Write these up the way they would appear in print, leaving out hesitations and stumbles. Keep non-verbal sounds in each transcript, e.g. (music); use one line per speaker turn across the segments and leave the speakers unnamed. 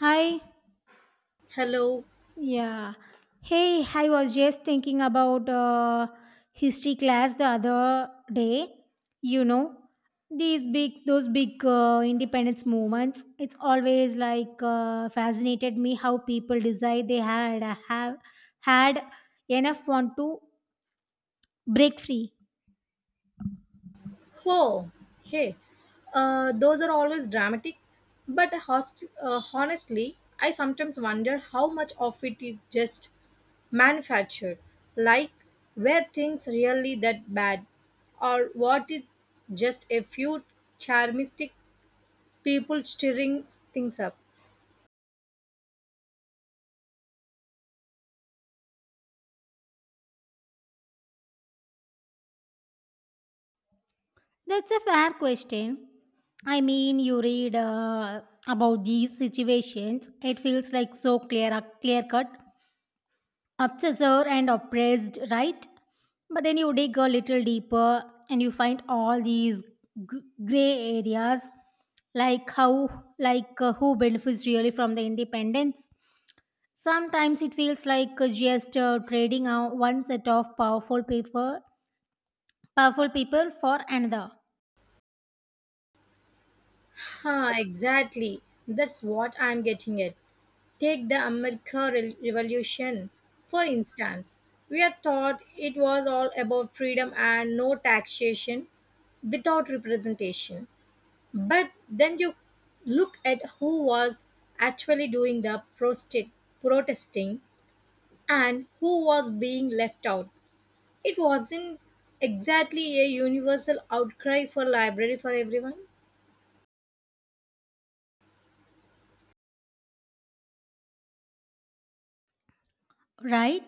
Hi.
Hello.
Yeah. Hey, I was just thinking about history class the other day. You know, those big independence movements. It's always like fascinated me how people decide they had have had enough want to break free.
Oh, hey. Those are always dramatic, but honestly, I sometimes wonder how much of it is just manufactured. Like, were things really that bad, or what is just a few charmistic people stirring things up?
That's a fair question. I mean, you read about these situations. It feels like so clear cut obsessor and oppressed, right? But then you dig a little deeper and you find all these gray areas, like who benefits really from the independence. Sometimes it feels like just trading out one set of powerful people for another,
Ha, exactly. That's what I'm getting at. Take the Revolution, for instance. We are taught it was all about freedom and no taxation without representation. But then you look at who was actually doing the protesting and who was being left out. It wasn't exactly a universal outcry for library for everyone.
right?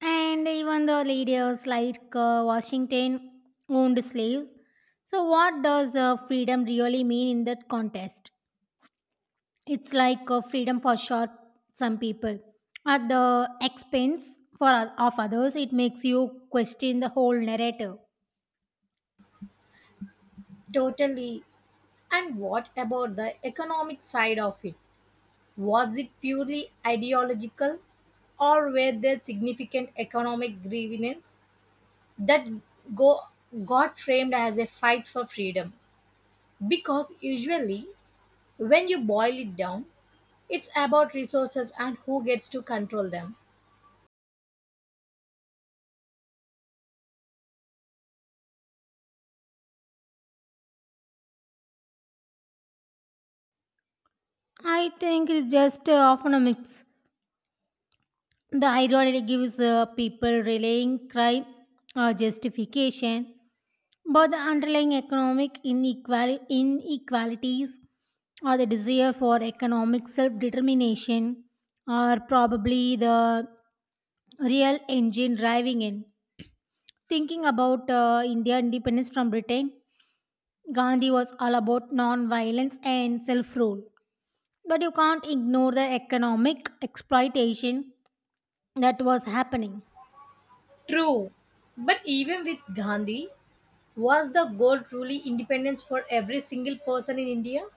And even the leaders like Washington owned slaves. So, what does freedom really mean in that contest? It's like a freedom for short some people at the expense for of others. It makes you question the whole narrative.
Totally. And what about the economic side of it? Was it purely ideological or were there significant economic grievances that go, got framed as a fight for freedom? Because usually, when you boil it down, it's about resources and who gets to control them.
I think it's just often a mix. The ideology gives people relaying crime or justification, but the underlying inequalities or the desire for economic self-determination are probably the real engine driving in. Thinking about India independence from Britain, Gandhi was all about non-violence and self-rule. But you can't ignore the economic exploitation that was happening.
True, but even with Gandhi, was the goal truly independence for every single person in India?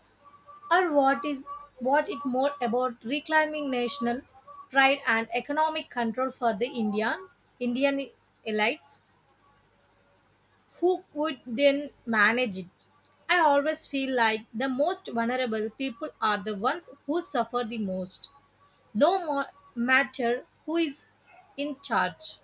Or what is what it more about reclaiming national pride and economic control for the Indian elites who would then manage it. I always feel like the most vulnerable people are the ones who suffer the most, no more matter who is in charge.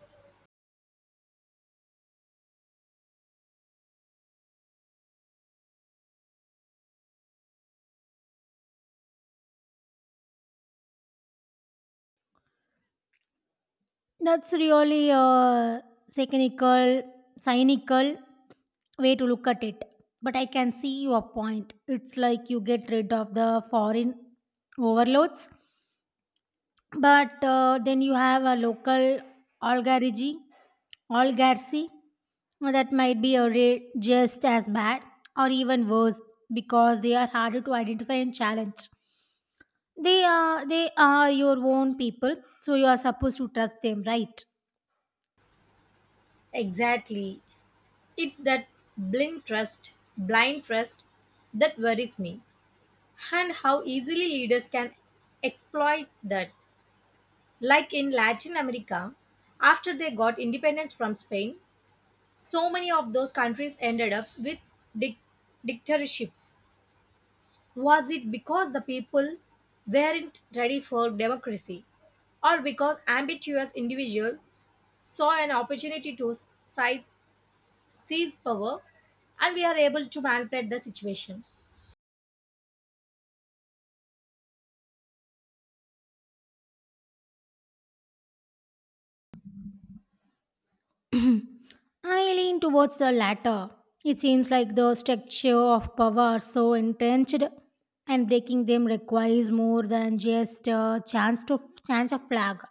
That's really a cynical, cynical way to look at it. But I can see your point. It's like you get rid of the foreign overloads. But then you have a local oligarchy, oligarchy that might be a just as bad or even worse, because they are harder to identify and challenge. They are your own people, so you are supposed to trust them, right?
Exactly. It's that blind trust that worries me, and how easily leaders can exploit that. Like in Latin America, after they got independence from Spain, so many of those countries ended up with dic- dictatorships. Was it because the people weren't ready for democracy, or because ambitious individuals saw an opportunity to size, seize power and we are able to manipulate the situation?
(clears throat) I lean towards the latter. It seems like the structure of power is so entrenched, and breaking them requires more than just a chance of flag.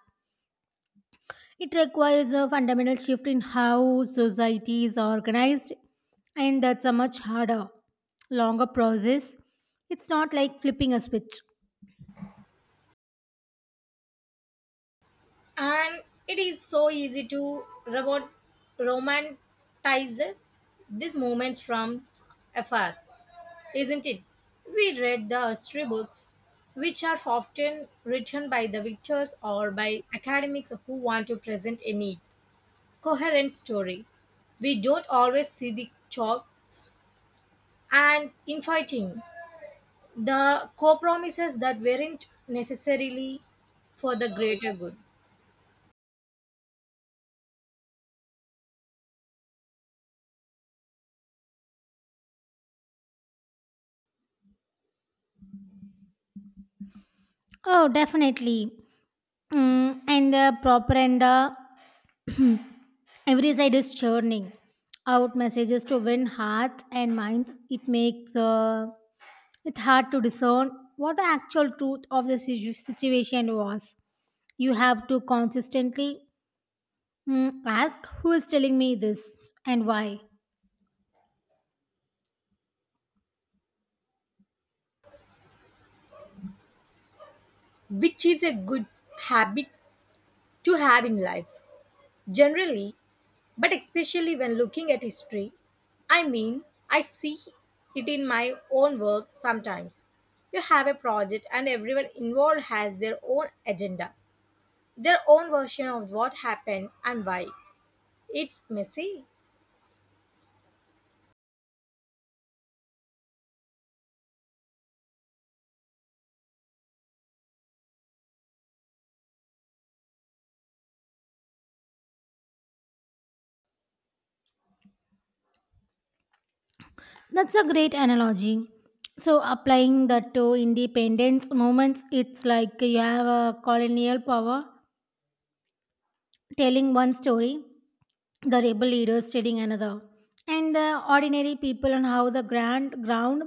It requires a fundamental shift in how society is organized, and that's a much harder, longer process. It's not like flipping a switch.
And it is so easy to robot romanticize these moments from afar, isn't it? We read the history books, which are often written by the victors or by academics who want to present a neat, coherent story. We don't always see the chalks and infighting, the compromises that weren't necessarily for the greater good,
Oh, definitely. Mm, and the propaganda, every side is churning out messages to win hearts and minds. It makes it hard to discern what the actual truth of the situation was. You have to consistently Hmm. ask who is telling me this and why.
which is a good habit to have in life. Generally, but especially when looking at history, I mean, I see it in my own work sometimes. You have a project, and everyone involved has their own agenda, their own version of what happened and why. It's messy.
That's a great analogy. So, applying that to independence moments, it's like you have a colonial power telling one story, the rebel leaders telling another, and the ordinary people on how the grand ground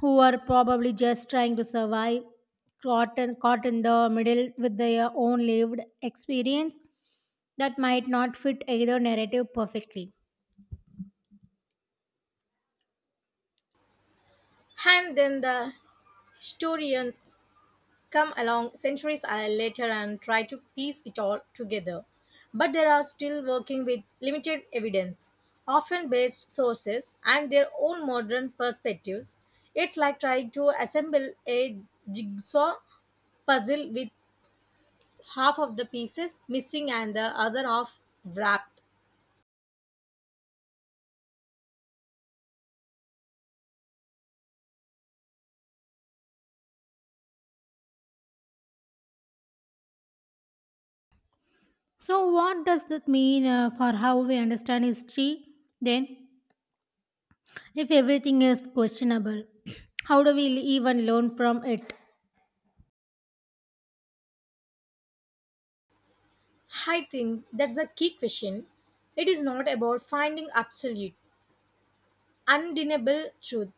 who are probably just trying to survive caught in the middle with their own lived experience that might not fit either narrative perfectly.
And then the historians come along centuries later and try to piece it all together. But they are still working with limited evidence, often based sources, and their own modern perspectives. It's like trying to assemble a jigsaw puzzle with half of the pieces missing and the other half wrapped.
So, what does that mean for how we understand history? Then, if everything is questionable, (clears throat) how do we even learn from it?
I think that's the key question. It is not about finding absolute, undeniable truth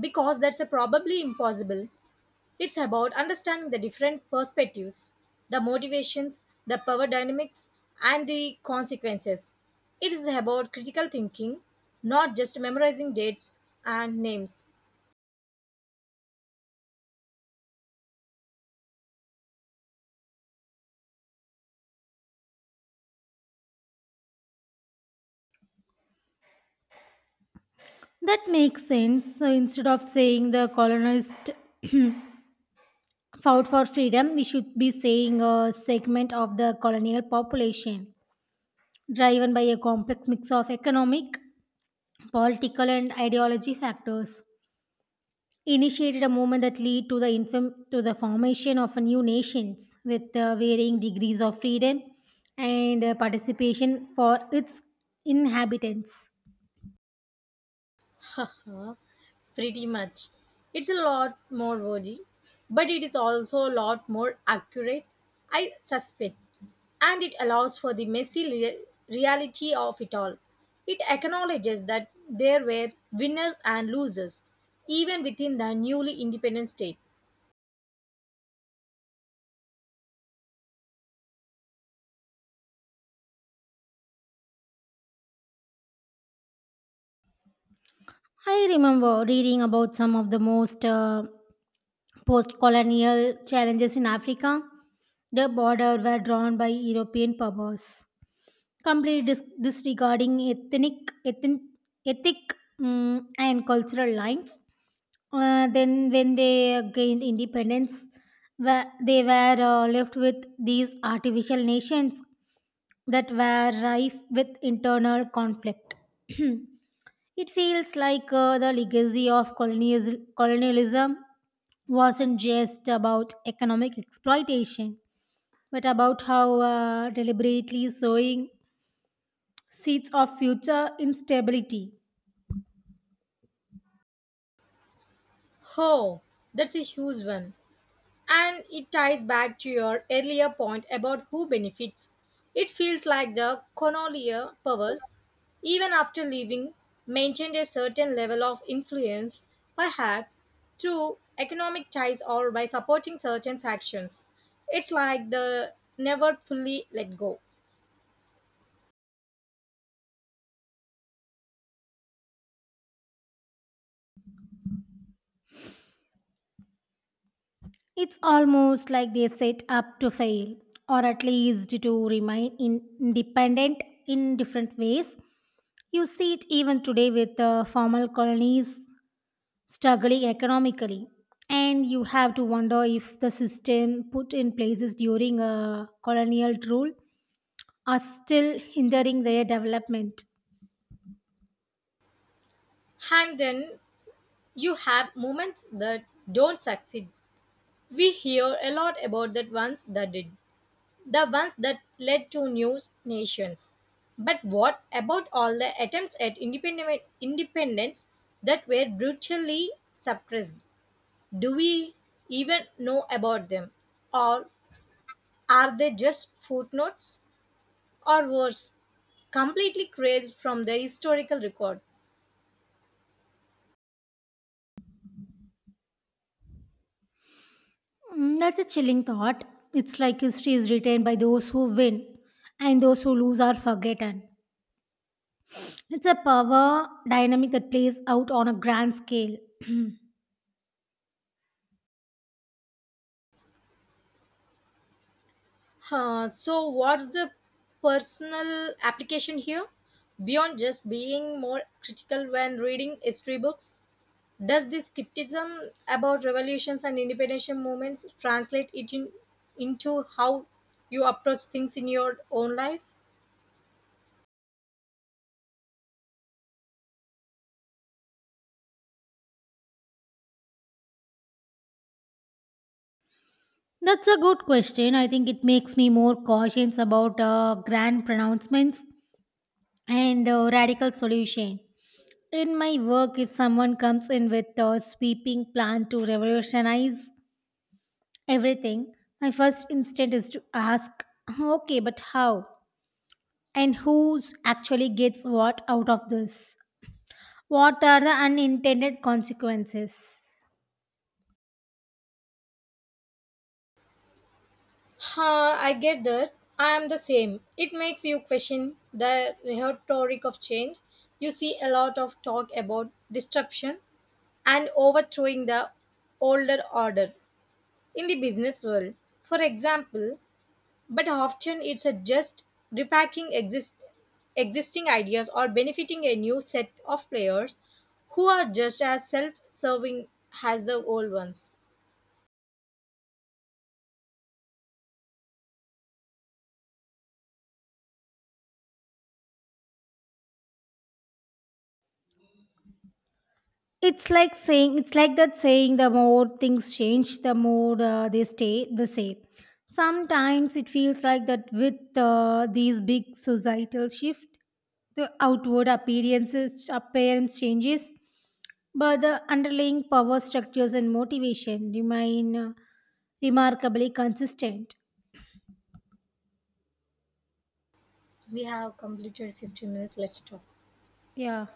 because that's a probably impossible. It's about understanding the different perspectives, the motivations, the power dynamics, and the consequences. It is about critical thinking, not just memorizing dates and names.
That makes sense. So, instead of saying the colonist fought for freedom, we should be saying a segment of the colonial population driven by a complex mix of economic, political, and ideology factors initiated a movement that led to the formation of new nations with varying degrees of freedom and participation for its inhabitants.
(laughs) Haha, pretty much. It's a lot more wordy, but it is also a lot more accurate, I suspect. And it allows for the reality of it all. It acknowledges that there were winners and losers, even within the newly independent state.
I remember reading about some of the most post-colonial challenges in Africa. The border were drawn by European powers completely disregarding ethnic ethnic ethic mm and cultural lines. Then when they gained independence they were left with these artificial nations that were rife with internal conflict. (clears throat) It feels like the legacy of colonialism wasn't just about economic exploitation, but about how deliberately sowing seeds of future instability.
Oh, that's a huge one. And it ties back to your earlier point about who benefits. It feels like the colonial powers, even after leaving, maintained a certain level of influence, perhaps through economic ties or by supporting certain factions. It's like the never fully let go.
It's almost like they set up to fail, or at least to remain independent in different ways. You see it even today with formal colonies struggling economically. And you have to wonder if the system put in places during a colonial rule are still hindering their development.
And then you have moments that don't succeed. We hear a lot about that ones that did, the ones that led to new nations. But what about all the attempts at independence that were brutally suppressed? Do we even know about them? Or are they just footnotes? Or worse, completely erased from the historical record?
Mm, that's a chilling thought. It's like history is written by those who win, and those who lose are forgotten. It's a power dynamic that plays out on a grand scale. (clears throat)
Huh, so, what's the personal application here? Beyond just being more critical when reading history books? Does this skepticism about revolutions and independence movements into how you approach things in your own life?
That's a good question. I think it makes me more cautious about grand pronouncements and radical solution. In my work, if someone comes in with a sweeping plan to revolutionize everything, my first instinct is to ask, okay, but how? And who actually gets what out of this? What are the unintended consequences?
Huh, I get that. I am the same. It makes you question the rhetoric of change. You see a lot of talk about disruption and overthrowing the older order in the business world. For example, but often it's a just repacking exist, existing ideas or benefiting a new set of players who are just as self-serving as the old ones.
It's like that saying, the more things change, the more they stay the same. Sometimes it feels like that with these big societal shift, the appearance changes, but the underlying power structures and motivation remain remarkably consistent.
We have completed 15 minutes. Let's talk.
Yeah.